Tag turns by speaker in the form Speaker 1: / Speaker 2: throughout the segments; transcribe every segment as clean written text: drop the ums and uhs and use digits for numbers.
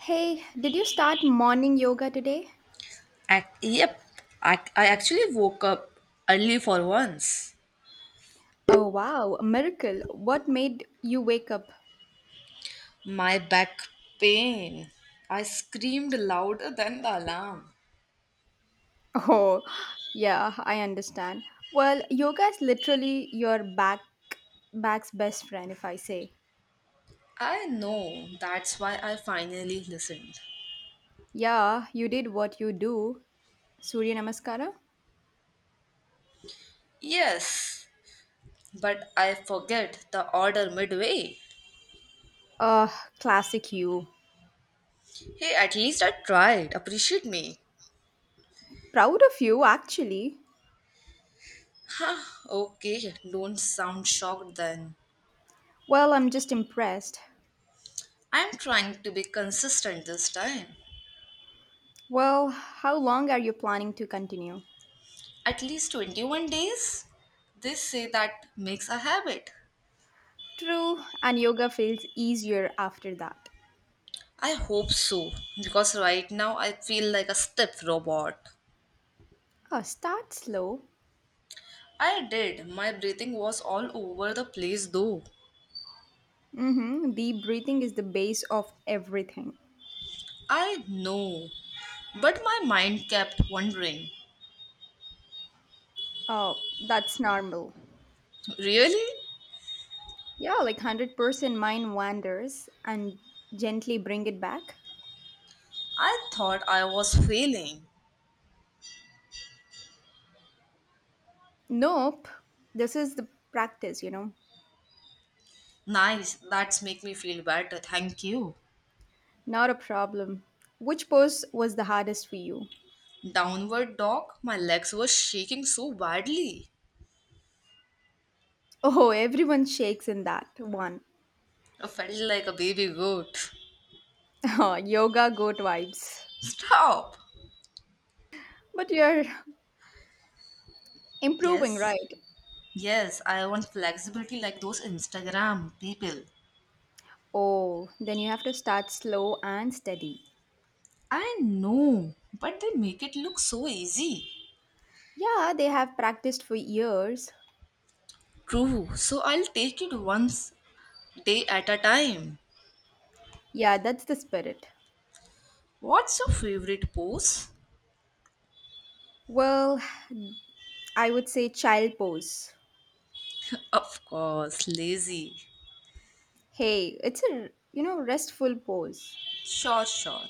Speaker 1: Hey, did you start morning yoga today?
Speaker 2: Ac yep, I actually woke up early for once.
Speaker 1: Oh, wow, a miracle. What made you wake up?
Speaker 2: My back pain. I screamed louder than the alarm.
Speaker 1: Oh, yeah, I understand. Well, yoga is literally your back's best friend, if I say.
Speaker 2: I know, that's why I finally listened.
Speaker 1: Yeah, you did what you do. Surya Namaskara?
Speaker 2: Yes, but I forget the order midway.
Speaker 1: Uh, Classic you.
Speaker 2: Hey, at least I tried. Appreciate me.
Speaker 1: Proud of you, actually.
Speaker 2: Okay, don't sound shocked then.
Speaker 1: Well, I'm just impressed.
Speaker 2: I'm trying to be consistent this time.
Speaker 1: Well, how long are you planning to continue?
Speaker 2: At least 21 days? They say that makes a habit.
Speaker 1: True, and yoga feels easier after that.
Speaker 2: I hope so, because right now I feel like a stiff robot.
Speaker 1: Oh, start slow.
Speaker 2: I did. My breathing was all over the place though.
Speaker 1: Mm-hmm. Deep breathing is the base of everything.
Speaker 2: I know. But my mind kept wondering.
Speaker 1: Oh, that's normal.
Speaker 2: Really?
Speaker 1: Yeah, like 100% mind wanders and gently bring it back.
Speaker 2: I thought I was failing.
Speaker 1: Nope. This is the practice, you know.
Speaker 2: Nice. That's make me feel better. Thank you.
Speaker 1: Not a problem. Which pose was the hardest for you?
Speaker 2: Downward dog, my legs were shaking so badly.
Speaker 1: Oh, everyone shakes in that one.
Speaker 2: I felt like a baby goat.
Speaker 1: Oh, yoga goat vibes.
Speaker 2: Stop.
Speaker 1: But you're improving,
Speaker 2: Yes.
Speaker 1: right?
Speaker 2: Yes, I want flexibility like those Instagram people.
Speaker 1: Oh, then you have to start slow and steady.
Speaker 2: I know, but they make it look so easy.
Speaker 1: Yeah, they have practiced for years.
Speaker 2: True, so I'll take it once day at a time.
Speaker 1: Yeah, that's the spirit.
Speaker 2: What's your favorite pose?
Speaker 1: Well, I would say child pose.
Speaker 2: Of course, lazy.
Speaker 1: Hey, it's a, you know, restful pose.
Speaker 2: Sure, sure.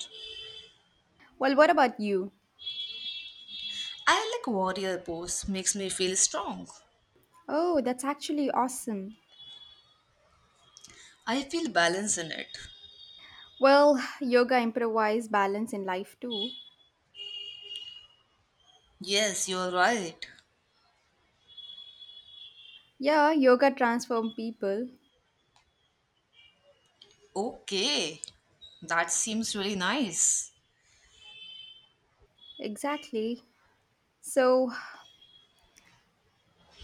Speaker 1: Well, what about you?
Speaker 2: I like warrior pose, makes me feel strong.
Speaker 1: Oh, that's actually awesome.
Speaker 2: I feel balance in it.
Speaker 1: Well, yoga improvise balance in life too.
Speaker 2: Yes, you're right.
Speaker 1: Yeah, yoga transform people.
Speaker 2: Okay, that seems really nice.
Speaker 1: Exactly. So,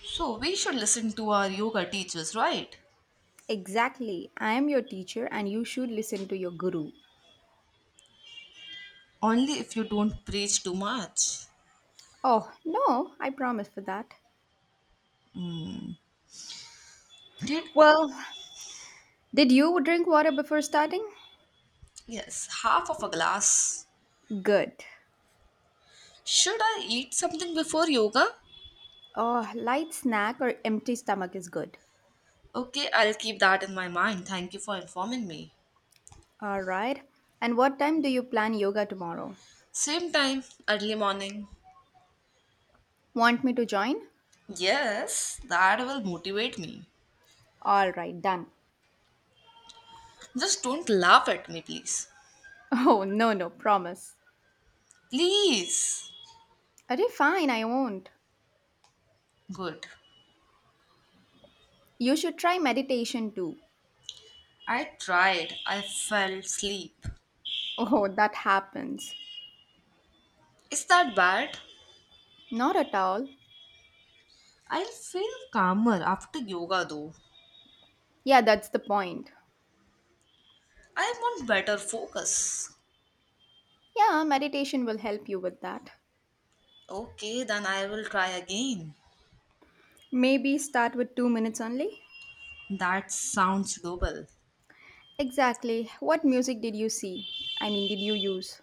Speaker 2: So, we should listen to our yoga teachers, right?
Speaker 1: exactly. I am your teacher and you should listen to your guru.
Speaker 2: Only if you don't preach too much.
Speaker 1: Oh, no, I promise for that.
Speaker 2: Did
Speaker 1: Well, did you drink water before starting?
Speaker 2: Yes, half of a glass.
Speaker 1: Good.
Speaker 2: Should I eat something before yoga?
Speaker 1: Oh, light snack or empty stomach is good.
Speaker 2: Okay, I'll keep that in my mind. Thank you for informing me.
Speaker 1: All right. And what time do you plan yoga tomorrow?
Speaker 2: Same time, early morning.
Speaker 1: Want me to join?
Speaker 2: Yes, that will motivate me.
Speaker 1: All right, done.
Speaker 2: Just don't laugh at me, please.
Speaker 1: Oh, no, no, promise.
Speaker 2: Please.
Speaker 1: Okay, fine, I won't.
Speaker 2: Good.
Speaker 1: You should try meditation too.
Speaker 2: I tried. I fell asleep.
Speaker 1: Oh, that happens.
Speaker 2: Is that bad?
Speaker 1: Not at all.
Speaker 2: I'll feel calmer after yoga though.
Speaker 1: Yeah, that's the point.
Speaker 2: I want better focus.
Speaker 1: Yeah, meditation will help you with that.
Speaker 2: Okay, then I will try again.
Speaker 1: Maybe start with 2 minutes only?
Speaker 2: That sounds doable.
Speaker 1: Exactly. What music did you see? Did you use?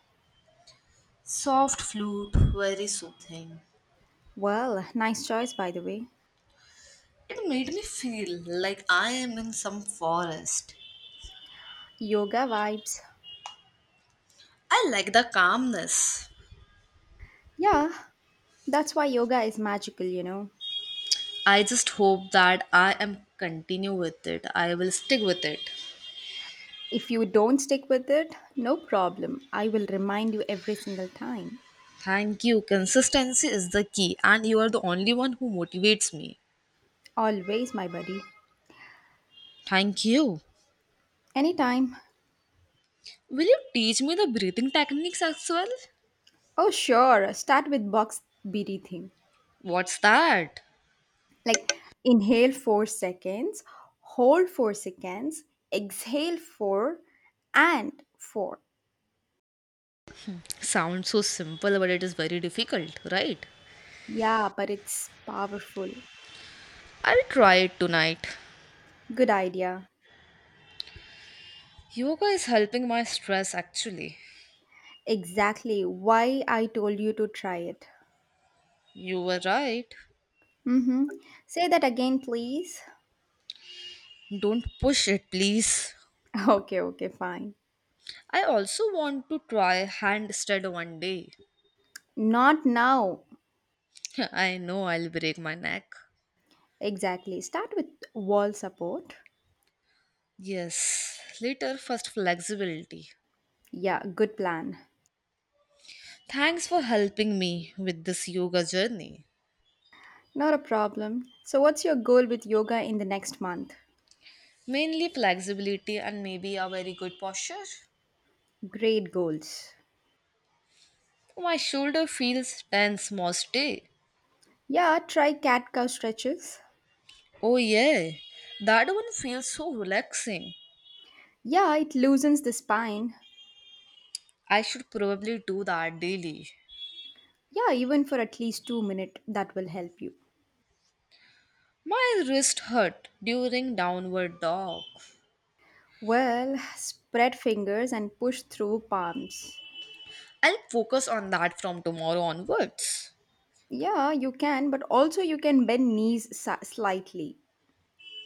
Speaker 2: Soft flute, very soothing.
Speaker 1: Well, nice choice, by the way.
Speaker 2: It made me feel like I am in some forest.
Speaker 1: Yoga vibes.
Speaker 2: I like the calmness.
Speaker 1: Yeah, that's why yoga is magical, you know.
Speaker 2: I just hope that I am continue with it. I will stick with it.
Speaker 1: If you don't stick with it, no problem. I will remind you every single time.
Speaker 2: Thank you. Consistency is the key and you are the only one who motivates me.
Speaker 1: Always, my buddy.
Speaker 2: Thank you.
Speaker 1: Anytime.
Speaker 2: Will you teach me the breathing techniques as well?
Speaker 1: Oh, sure. Start with box breathing.
Speaker 2: What's that?
Speaker 1: Like inhale 4 seconds, hold 4 seconds, exhale 4 and 4.
Speaker 2: Sounds so simple but it is very difficult, right?
Speaker 1: Yeah, but it's powerful.
Speaker 2: I'll try it tonight.
Speaker 1: Good idea.
Speaker 2: Yoga is helping my stress actually.
Speaker 1: Exactly why I told you to try it.
Speaker 2: You were right.
Speaker 1: Mm-hmm. Say that again, please.
Speaker 2: Don't push it, please.
Speaker 1: Okay, okay, fine.
Speaker 2: I also want to try handstand one day.
Speaker 1: Not now.
Speaker 2: I know I'll break my neck.
Speaker 1: Exactly. Start with wall support.
Speaker 2: Yes, later, first flexibility.
Speaker 1: Yeah, good plan.
Speaker 2: Thanks for helping me with this yoga journey.
Speaker 1: Not a problem. So, what's your goal with yoga in the next month?
Speaker 2: Mainly flexibility and maybe a very good posture.
Speaker 1: Great goals.
Speaker 2: My shoulder feels tense most day.
Speaker 1: Yeah, try cat cow stretches.
Speaker 2: Oh yeah, that one feels so relaxing.
Speaker 1: Yeah, it loosens the spine.
Speaker 2: I should probably do that daily.
Speaker 1: Yeah, even for at least 2 minutes, that will help you.
Speaker 2: My wrist hurt during downward dog.
Speaker 1: Well, spread fingers and push through palms.
Speaker 2: I'll focus on that from tomorrow onwards.
Speaker 1: Yeah, you can, but also you can bend knees slightly.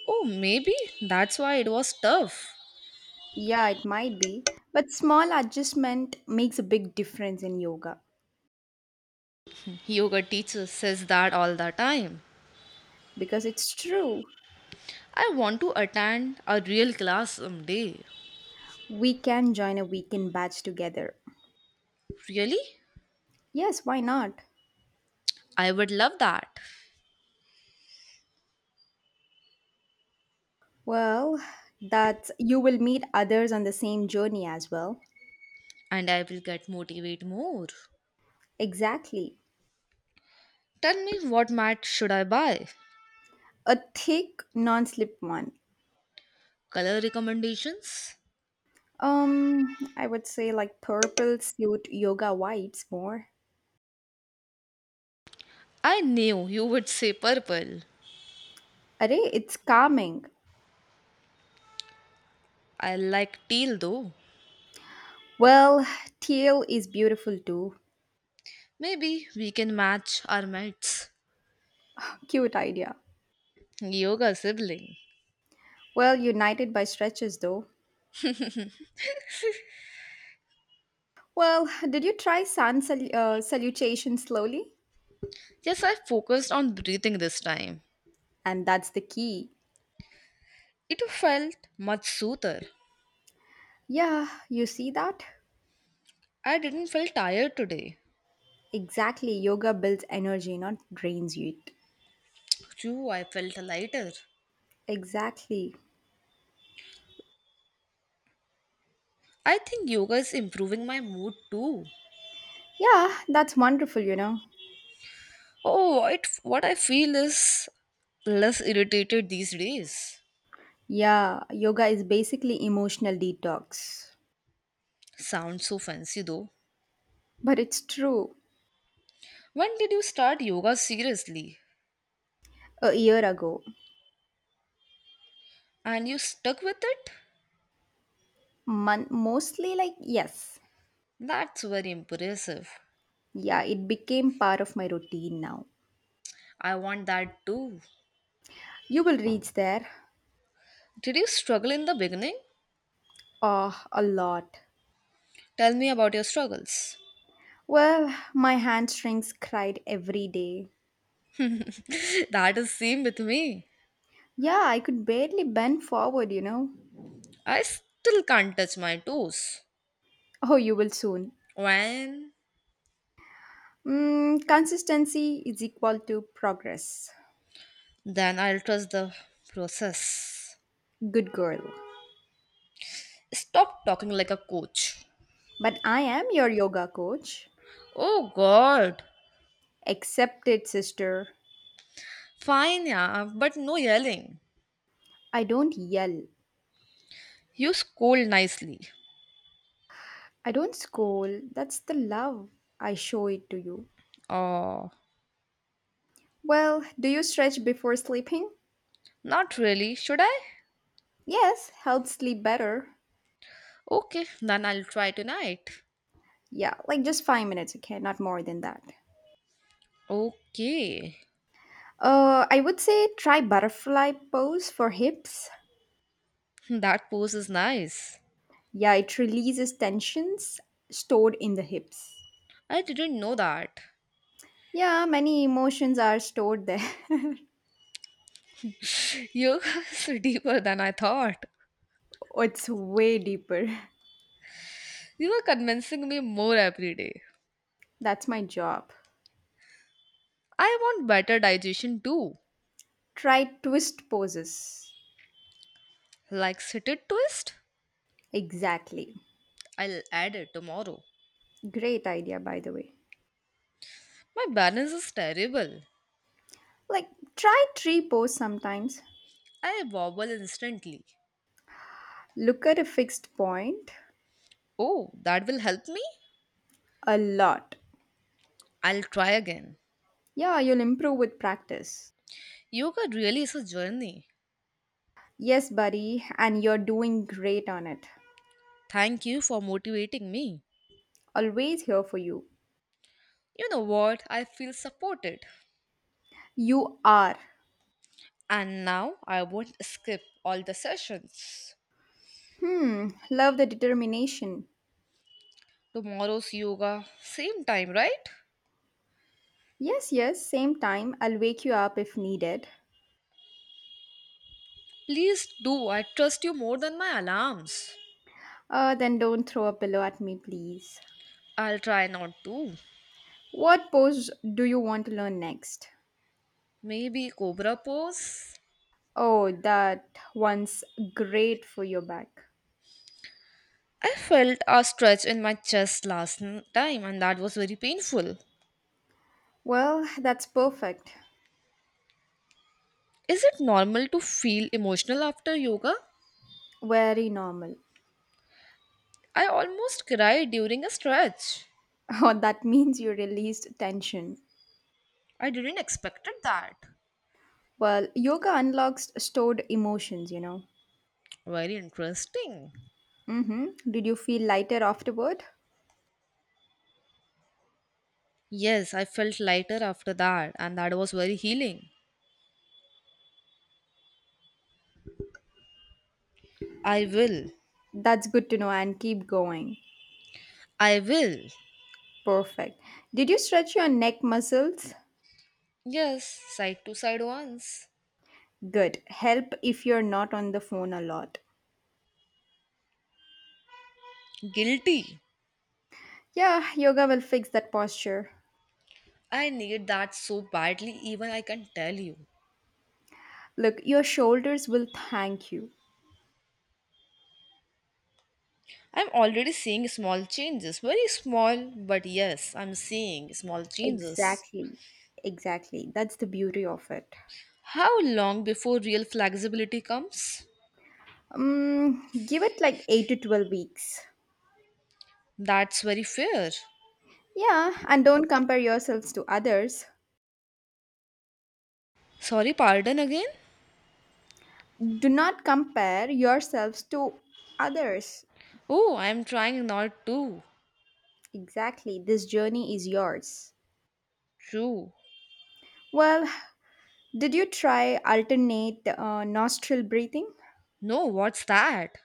Speaker 2: Oh, maybe that's why it was tough.
Speaker 1: Yeah, it might be, but small adjustment makes a big difference in yoga
Speaker 2: Yoga teacher says that all the time.
Speaker 1: because it's true.
Speaker 2: I want to attend a real class someday.
Speaker 1: We can join a weekend batch together.
Speaker 2: Really?
Speaker 1: Yes, why not?
Speaker 2: I would love that.
Speaker 1: Well, that you will meet others on the same journey as well.
Speaker 2: And I will get motivate more.
Speaker 1: Exactly.
Speaker 2: Tell me what mat should I buy?
Speaker 1: A thick non-slip one.
Speaker 2: Color recommendations?
Speaker 1: I would say like purple suit yoga vibes more.
Speaker 2: I knew you would say purple.
Speaker 1: Are it's calming.
Speaker 2: I like teal though.
Speaker 1: Well, teal is beautiful too.
Speaker 2: Maybe we can match our mates.
Speaker 1: Cute idea.
Speaker 2: Yoga sibling.
Speaker 1: Well, united by stretches though. Well, did you try sun salutation slowly?
Speaker 2: Yes, I focused on breathing this time.
Speaker 1: And that's the key.
Speaker 2: It felt much soother.
Speaker 1: Yeah, you see that?
Speaker 2: I didn't feel tired today.
Speaker 1: Exactly. Yoga builds energy, not drains it.
Speaker 2: True, I felt lighter.
Speaker 1: Exactly.
Speaker 2: I think yoga is improving my mood too.
Speaker 1: Yeah, that's wonderful, you know.
Speaker 2: Oh, it, what I feel is less irritated these days.
Speaker 1: Yeah, yoga is basically emotional detox.
Speaker 2: Sounds so fancy though.
Speaker 1: But it's true.
Speaker 2: When did you start yoga seriously?
Speaker 1: A year ago,
Speaker 2: And you stuck with it?
Speaker 1: mostly like, yes.
Speaker 2: That's very impressive.
Speaker 1: Yeah, it became part of my routine now.
Speaker 2: I want that too.
Speaker 1: You will reach there.
Speaker 2: Did you struggle in the beginning?
Speaker 1: Oh, a lot.
Speaker 2: Tell me about your struggles.
Speaker 1: Well, my hamstrings cried every day.
Speaker 2: That is same with me.
Speaker 1: Yeah, I could barely bend forward, you know.
Speaker 2: I still can't touch my toes.
Speaker 1: Oh, you will soon.
Speaker 2: When?
Speaker 1: Mm, consistency is equal to progress.
Speaker 2: Then I'll trust the process.
Speaker 1: Good girl.
Speaker 2: Stop talking like a coach.
Speaker 1: But I am your yoga coach.
Speaker 2: Oh god.
Speaker 1: Accept it, sister.
Speaker 2: Fine, yeah, but no yelling.
Speaker 1: I don't yell.
Speaker 2: You scold nicely.
Speaker 1: I don't scold. That's the love I show it to you.
Speaker 2: Oh,
Speaker 1: Well, do you stretch before sleeping?
Speaker 2: not really. Should I?
Speaker 1: Yes, helps sleep better.
Speaker 2: Okay, then I'll try tonight.
Speaker 1: Yeah, like just 5 minutes, okay? Not more than that.
Speaker 2: Okay,
Speaker 1: I would say try butterfly pose for hips.
Speaker 2: that pose is nice.
Speaker 1: Yeah, it releases tensions stored in the hips.
Speaker 2: I didn't know that.
Speaker 1: Yeah, many emotions are stored there.
Speaker 2: You guys are so deeper than I thought.
Speaker 1: Oh, it's way deeper.
Speaker 2: You are convincing me more every day.
Speaker 1: That's my job.
Speaker 2: I want better digestion too.
Speaker 1: Try twist poses.
Speaker 2: Like seated twist?
Speaker 1: Exactly.
Speaker 2: I'll add it tomorrow.
Speaker 1: Great idea, by the way.
Speaker 2: My balance is terrible.
Speaker 1: Like, try tree pose sometimes.
Speaker 2: I wobble instantly.
Speaker 1: Look at a fixed point
Speaker 2: Oh, that will help me?
Speaker 1: a lot.
Speaker 2: I'll try again.
Speaker 1: Yeah, you'll improve with practice.
Speaker 2: Yoga really is a journey.
Speaker 1: Yes, buddy, and you're doing great on it.
Speaker 2: Thank you for motivating me.
Speaker 1: Always here for you.
Speaker 2: You know what? I feel supported.
Speaker 1: You are.
Speaker 2: And now I won't skip all the sessions.
Speaker 1: Hmm, love the determination.
Speaker 2: Tomorrow's yoga, same time, right?
Speaker 1: Yes, yes, same time. I'll wake you up if needed.
Speaker 2: Please do. I trust you more than my alarms.
Speaker 1: Then don't throw a pillow at me, please.
Speaker 2: I'll try not to.
Speaker 1: What pose do you want to learn next?
Speaker 2: Maybe cobra pose?
Speaker 1: Oh, that one's great for your back.
Speaker 2: I felt a stretch in my chest last time and that was very painful.
Speaker 1: Well, that's perfect.
Speaker 2: Is it normal to feel emotional after yoga?
Speaker 1: Very normal.
Speaker 2: I almost cried during a stretch.
Speaker 1: Oh, that means you released tension.
Speaker 2: I didn't expect that.
Speaker 1: Well, yoga unlocks stored emotions, you know.
Speaker 2: Very interesting.
Speaker 1: Mm-hmm. Did you feel lighter afterward?
Speaker 2: Yes, I felt lighter after that and that was very healing. I will.
Speaker 1: That's good to know and keep going.
Speaker 2: I will.
Speaker 1: Perfect. Did you stretch your neck muscles?
Speaker 2: Yes, side to side once.
Speaker 1: Good. Help if you're not on the phone a lot.
Speaker 2: Guilty.
Speaker 1: Yeah, yoga will fix that posture.
Speaker 2: I need that so badly, even I can tell you.
Speaker 1: Look, your shoulders will thank you.
Speaker 2: I'm already seeing small changes, very small, but yes, I'm seeing small changes.
Speaker 1: Exactly. Exactly. That's the beauty of it.
Speaker 2: How long before real flexibility comes?
Speaker 1: Give it like 8 to 12 weeks.
Speaker 2: That's very fair.
Speaker 1: Yeah, and don't compare yourselves to others.
Speaker 2: Sorry, pardon again?
Speaker 1: Do not compare yourselves to others.
Speaker 2: Oh, I'm trying not to.
Speaker 1: Exactly. This journey is yours.
Speaker 2: True.
Speaker 1: Well, did you try alternate nostril breathing?
Speaker 2: No, what's that?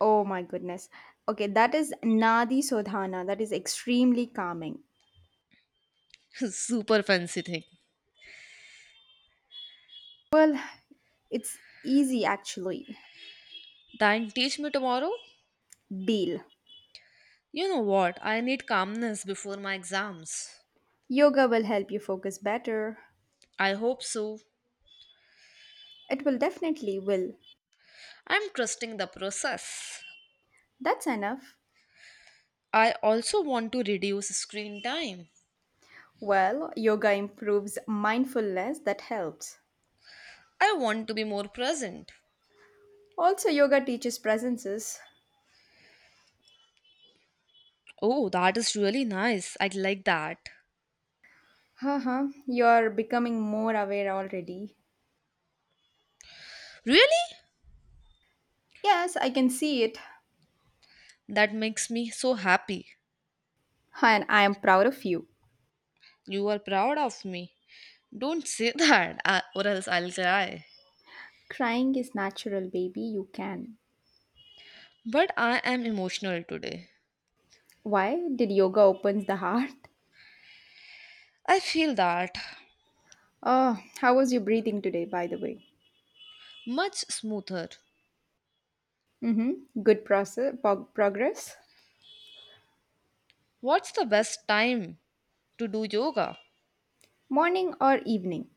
Speaker 1: Oh my goodness. Okay, that is Nadi Sodhana. That is extremely calming.
Speaker 2: Super fancy thing.
Speaker 1: Well, it's easy actually.
Speaker 2: Then teach me tomorrow?
Speaker 1: Deal.
Speaker 2: You know what? I need calmness before my exams.
Speaker 1: Yoga will help you focus better.
Speaker 2: I hope so.
Speaker 1: It will definitely will.
Speaker 2: I'm trusting the process.
Speaker 1: That's enough.
Speaker 2: I also want to reduce screen time.
Speaker 1: Well, yoga improves mindfulness. That helps.
Speaker 2: I want to be more present.
Speaker 1: Also, yoga teaches presences.
Speaker 2: Oh, that is really nice. I like that.
Speaker 1: Haha, you are becoming more aware already.
Speaker 2: Really?
Speaker 1: Yes, I can see it.
Speaker 2: That makes me so happy.
Speaker 1: And I am proud of you.
Speaker 2: You are proud of me. Don't say that, or else I'll cry.
Speaker 1: Crying is natural, baby. You can.
Speaker 2: But I am emotional today.
Speaker 1: Why did yoga opens the heart?
Speaker 2: I feel that
Speaker 1: Oh, how was your breathing today, by the way?
Speaker 2: much smoother.
Speaker 1: Mm-hmm. Good process, progress.
Speaker 2: What's the best time to do yoga?
Speaker 1: Morning or evening?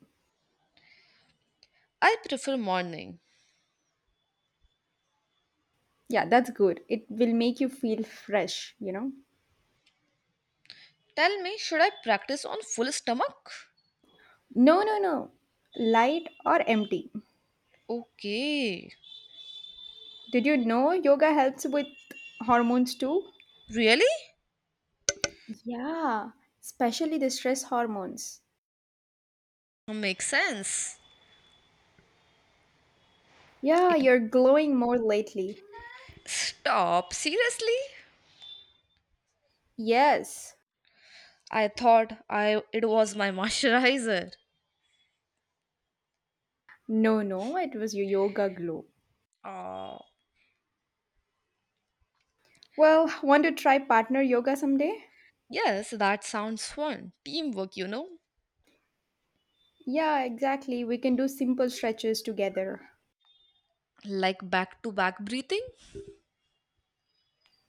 Speaker 2: I prefer morning.
Speaker 1: Yeah, that's good. It will make you feel fresh, you know.
Speaker 2: Tell me, should I practice on full stomach?
Speaker 1: No, no, no. Light or empty?
Speaker 2: Okay.
Speaker 1: Did you know yoga helps with hormones too?
Speaker 2: Really?
Speaker 1: Yeah, especially the stress hormones.
Speaker 2: Makes sense.
Speaker 1: Yeah,
Speaker 2: It
Speaker 1: you're glowing more lately.
Speaker 2: stop. Seriously?
Speaker 1: Yes.
Speaker 2: I thought I it was my moisturizer.
Speaker 1: No, no, it was your yoga glow.
Speaker 2: Oh.
Speaker 1: Well, want to try partner yoga someday?
Speaker 2: Yes, that sounds fun. Teamwork, you know?
Speaker 1: Yeah, exactly. We can do simple stretches together.
Speaker 2: Like back to back breathing?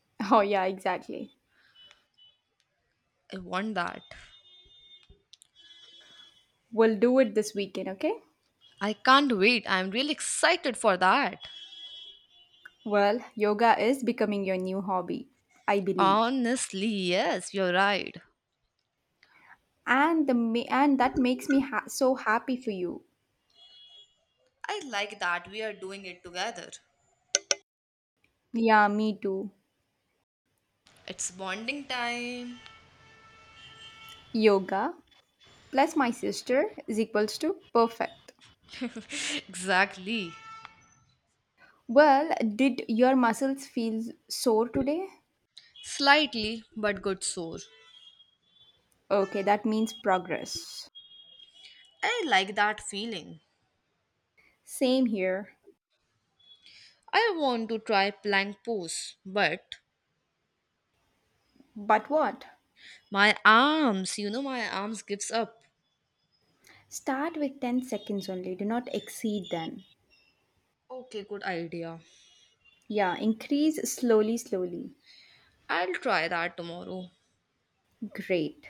Speaker 1: Oh, yeah, exactly.
Speaker 2: I want that.
Speaker 1: We'll do it this weekend, okay?
Speaker 2: I can't wait. I'm really excited for that.
Speaker 1: Well, yoga is becoming your new hobby, I believe.
Speaker 2: Honestly, yes, you're right.
Speaker 1: And that makes me so happy for you.
Speaker 2: I like that we are doing it together.
Speaker 1: Yeah, me too.
Speaker 2: It's bonding time.
Speaker 1: Yoga plus my sister is equals to perfect.
Speaker 2: Exactly.
Speaker 1: Well, did your muscles feel sore today?
Speaker 2: Slightly, but good sore.
Speaker 1: Okay, that means progress.
Speaker 2: I like that feeling.
Speaker 1: Same here.
Speaker 2: I want to try plank pose, but
Speaker 1: But what?
Speaker 2: my arms, you know, my arms gives up.
Speaker 1: Start with 10 seconds only. Do not exceed then.
Speaker 2: Okay, good idea.
Speaker 1: Yeah, increase slowly, slowly.
Speaker 2: I'll try that tomorrow.
Speaker 1: Great.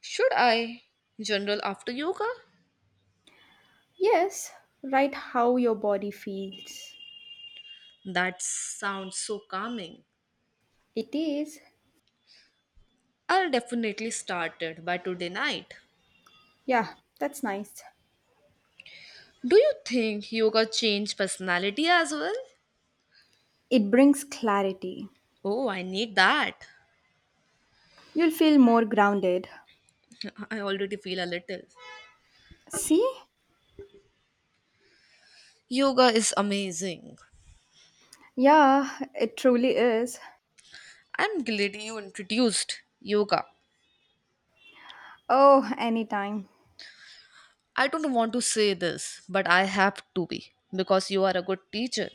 Speaker 2: Should I general after yoga?
Speaker 1: Yes, write how your body feels.
Speaker 2: That sounds so calming.
Speaker 1: It is.
Speaker 2: I'll definitely start it by today night.
Speaker 1: Yeah, that's nice.
Speaker 2: Do you think yoga change personality as well?
Speaker 1: It brings clarity.
Speaker 2: Oh, I need that.
Speaker 1: You'll feel more grounded.
Speaker 2: I already feel a little.
Speaker 1: See?
Speaker 2: Yoga is amazing.
Speaker 1: Yeah, it truly is.
Speaker 2: I'm glad you introduced yoga.
Speaker 1: Oh, anytime.
Speaker 2: I don't want to say this, but I have to be because you are a good teacher.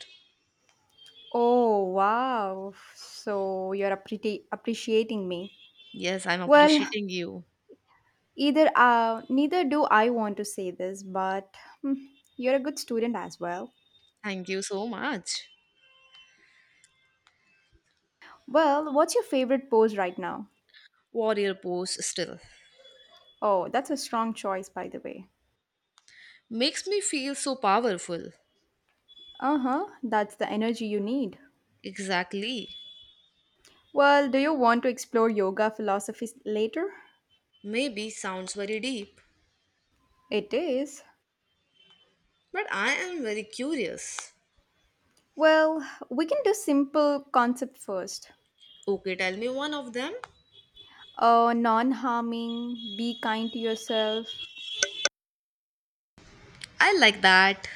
Speaker 1: Oh, wow. So you're appreciating me.
Speaker 2: Yes, I'm
Speaker 1: Well,
Speaker 2: appreciating you.
Speaker 1: either neither do I want to say this, but hmm, you're a good student as well.
Speaker 2: Thank you so much.
Speaker 1: Well, what's your favorite pose right now?
Speaker 2: Warrior pose still.
Speaker 1: Oh, that's a strong choice, by the way.
Speaker 2: Makes me feel so powerful.
Speaker 1: Uh huh, that's the energy you need.
Speaker 2: Exactly.
Speaker 1: Well, do you want to explore yoga philosophies later?
Speaker 2: Maybe sounds very deep,
Speaker 1: It is.
Speaker 2: but I am very curious.
Speaker 1: Well, we can do simple concept first.
Speaker 2: Okay, tell me one of them.
Speaker 1: Non harming, be kind to yourself.
Speaker 2: I like that.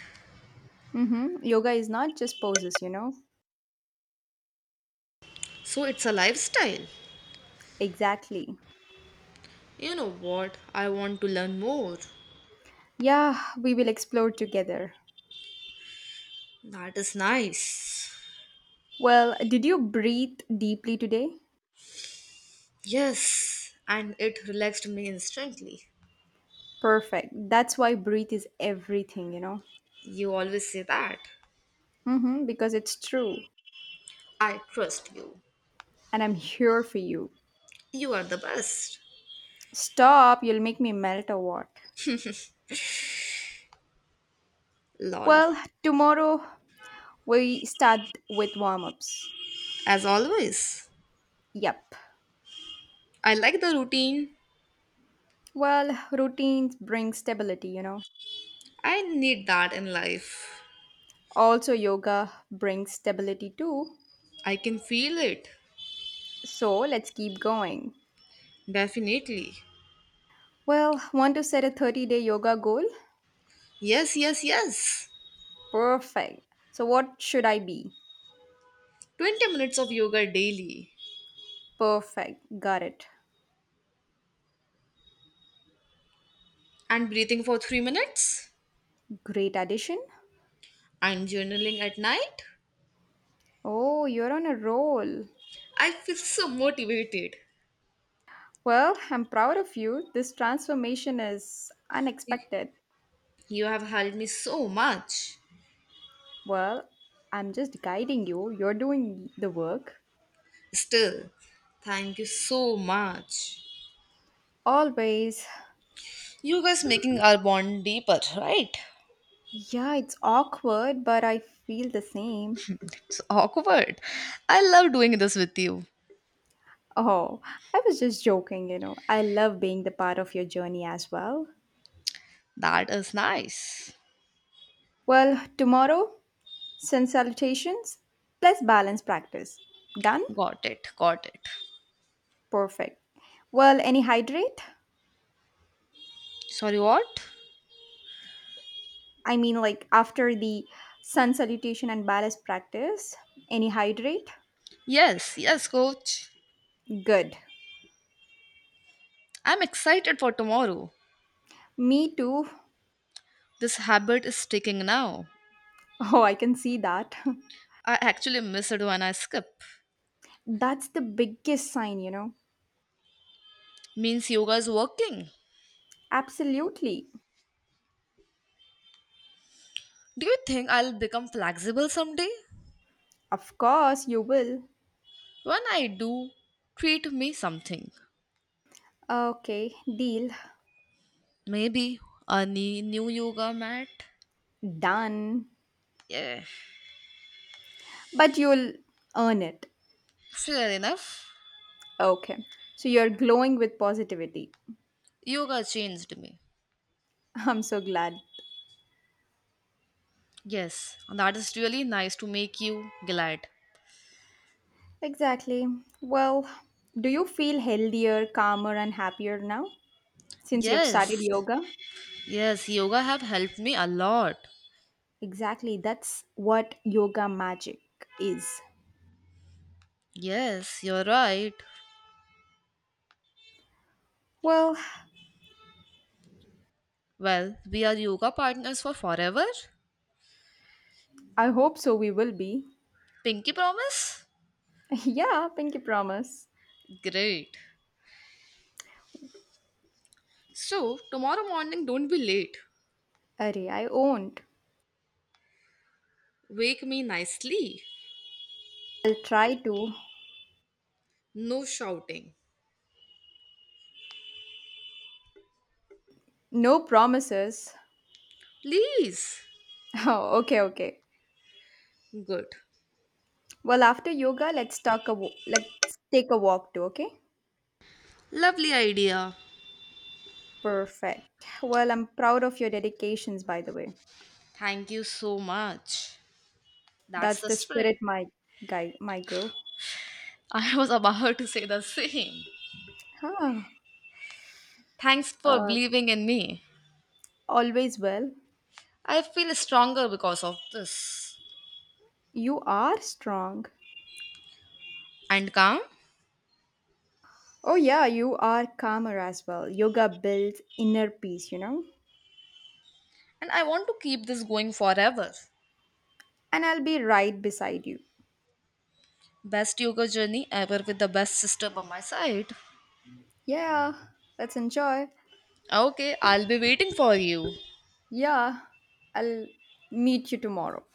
Speaker 1: Mm-hmm. Yoga is not just poses, you know?
Speaker 2: So it's a lifestyle.
Speaker 1: Exactly.
Speaker 2: You know what? I want to learn more.
Speaker 1: Yeah, we will explore together.
Speaker 2: That is nice.
Speaker 1: Well, did you breathe deeply today?
Speaker 2: Yes, and it relaxed me instantly.
Speaker 1: Perfect. That's why breathe is everything, you know?
Speaker 2: You always say that.
Speaker 1: Mm-hmm, because it's true.
Speaker 2: I trust you.
Speaker 1: And I'm here for you.
Speaker 2: You are the best.
Speaker 1: Stop, you'll make me melt or what?
Speaker 2: Lol.
Speaker 1: Well, tomorrow we start with warm ups.
Speaker 2: As always,
Speaker 1: Yep.
Speaker 2: I like the routine.
Speaker 1: Well, routines bring stability, you know.
Speaker 2: I need that in life.
Speaker 1: Also, yoga brings stability too.
Speaker 2: I can feel it.
Speaker 1: So let's keep going.
Speaker 2: Definitely.
Speaker 1: Well, want to set a 30-day yoga goal?
Speaker 2: Yes, yes, yes.
Speaker 1: Perfect. So, what should I be?
Speaker 2: 20 minutes of yoga daily
Speaker 1: Perfect. Got it.
Speaker 2: and breathing for 3 minutes
Speaker 1: Great addition.
Speaker 2: and journaling at night.
Speaker 1: Oh, you're on a roll.
Speaker 2: I feel so motivated.
Speaker 1: Well, I'm proud of you. This transformation is
Speaker 2: Y-
Speaker 1: unexpected.
Speaker 2: You have helped me so much.
Speaker 1: Well, I'm just guiding you. You're doing the work.
Speaker 2: Still, thank you so much.
Speaker 1: Always.
Speaker 2: You guys making our bond deeper, right?
Speaker 1: Yeah, it's awkward, but I feel the same.
Speaker 2: It's awkward. I love doing this with you.
Speaker 1: Oh, I was just joking, you know. I love being the part of your journey as well.
Speaker 2: That is nice.
Speaker 1: Well, tomorrow, send salutations plus balance practice. Done?
Speaker 2: Got it. Got it.
Speaker 1: Perfect. Well, any hydrate?
Speaker 2: Sorry, what?
Speaker 1: Like after the sun salutation and ballast practice, any hydrate?
Speaker 2: Yes, yes, coach.
Speaker 1: Good.
Speaker 2: I'm excited for tomorrow.
Speaker 1: Me too.
Speaker 2: This habit is sticking now.
Speaker 1: Oh, I can see that.
Speaker 2: I actually miss it when I skip.
Speaker 1: That's the biggest sign, you know.
Speaker 2: Means yoga is working.
Speaker 1: Absolutely.
Speaker 2: Do you think I'll become flexible someday?
Speaker 1: Of course, you will.
Speaker 2: When I do, treat me something.
Speaker 1: Okay, deal.
Speaker 2: Maybe a new yoga mat.
Speaker 1: Done.
Speaker 2: Yeah,
Speaker 1: But you'll earn it.
Speaker 2: fair enough.
Speaker 1: Okay. So you're glowing with positivity.
Speaker 2: Yoga changed me.
Speaker 1: I'm so glad.
Speaker 2: Yes, that is really nice to make you glad.
Speaker 1: Exactly. Well, do you feel healthier, calmer, and happier now since you've started
Speaker 2: Yes,
Speaker 1: yoga?
Speaker 2: yes, yoga have helped me a lot.
Speaker 1: Exactly, that's what yoga magic is.
Speaker 2: Yes, you're right.
Speaker 1: Well,
Speaker 2: Well, we are yoga partners for forever.
Speaker 1: I hope so. We will be.
Speaker 2: Pinky promise?
Speaker 1: Yeah, pinky promise.
Speaker 2: Great. So, tomorrow morning, don't be late.
Speaker 1: Arey, I won't.
Speaker 2: Wake me nicely.
Speaker 1: I'll try to.
Speaker 2: No shouting.
Speaker 1: No promises.
Speaker 2: Please.
Speaker 1: Oh, okay, okay.
Speaker 2: Good.
Speaker 1: Well, after yoga, let's take a walk too, okay?
Speaker 2: Lovely idea.
Speaker 1: Perfect. Well, I'm proud of your dedications, by the way.
Speaker 2: Thank you so much. That's
Speaker 1: That's
Speaker 2: the
Speaker 1: the
Speaker 2: spirit.
Speaker 1: spirit, my guy, my girl.
Speaker 2: I was about to say the same.
Speaker 1: Huh.
Speaker 2: Thanks for
Speaker 1: Uh,
Speaker 2: believing in me.
Speaker 1: Always well.
Speaker 2: I feel stronger because of this.
Speaker 1: You are strong.
Speaker 2: And calm.
Speaker 1: Oh, yeah, you are calmer as well. Yoga builds inner peace, you know?
Speaker 2: And I want to keep this going forever.
Speaker 1: And I'll be right beside you.
Speaker 2: Best yoga journey ever with the best sister by my side.
Speaker 1: Yeah, let's enjoy.
Speaker 2: Okay, I'll be waiting for you.
Speaker 1: Yeah, I'll meet you tomorrow.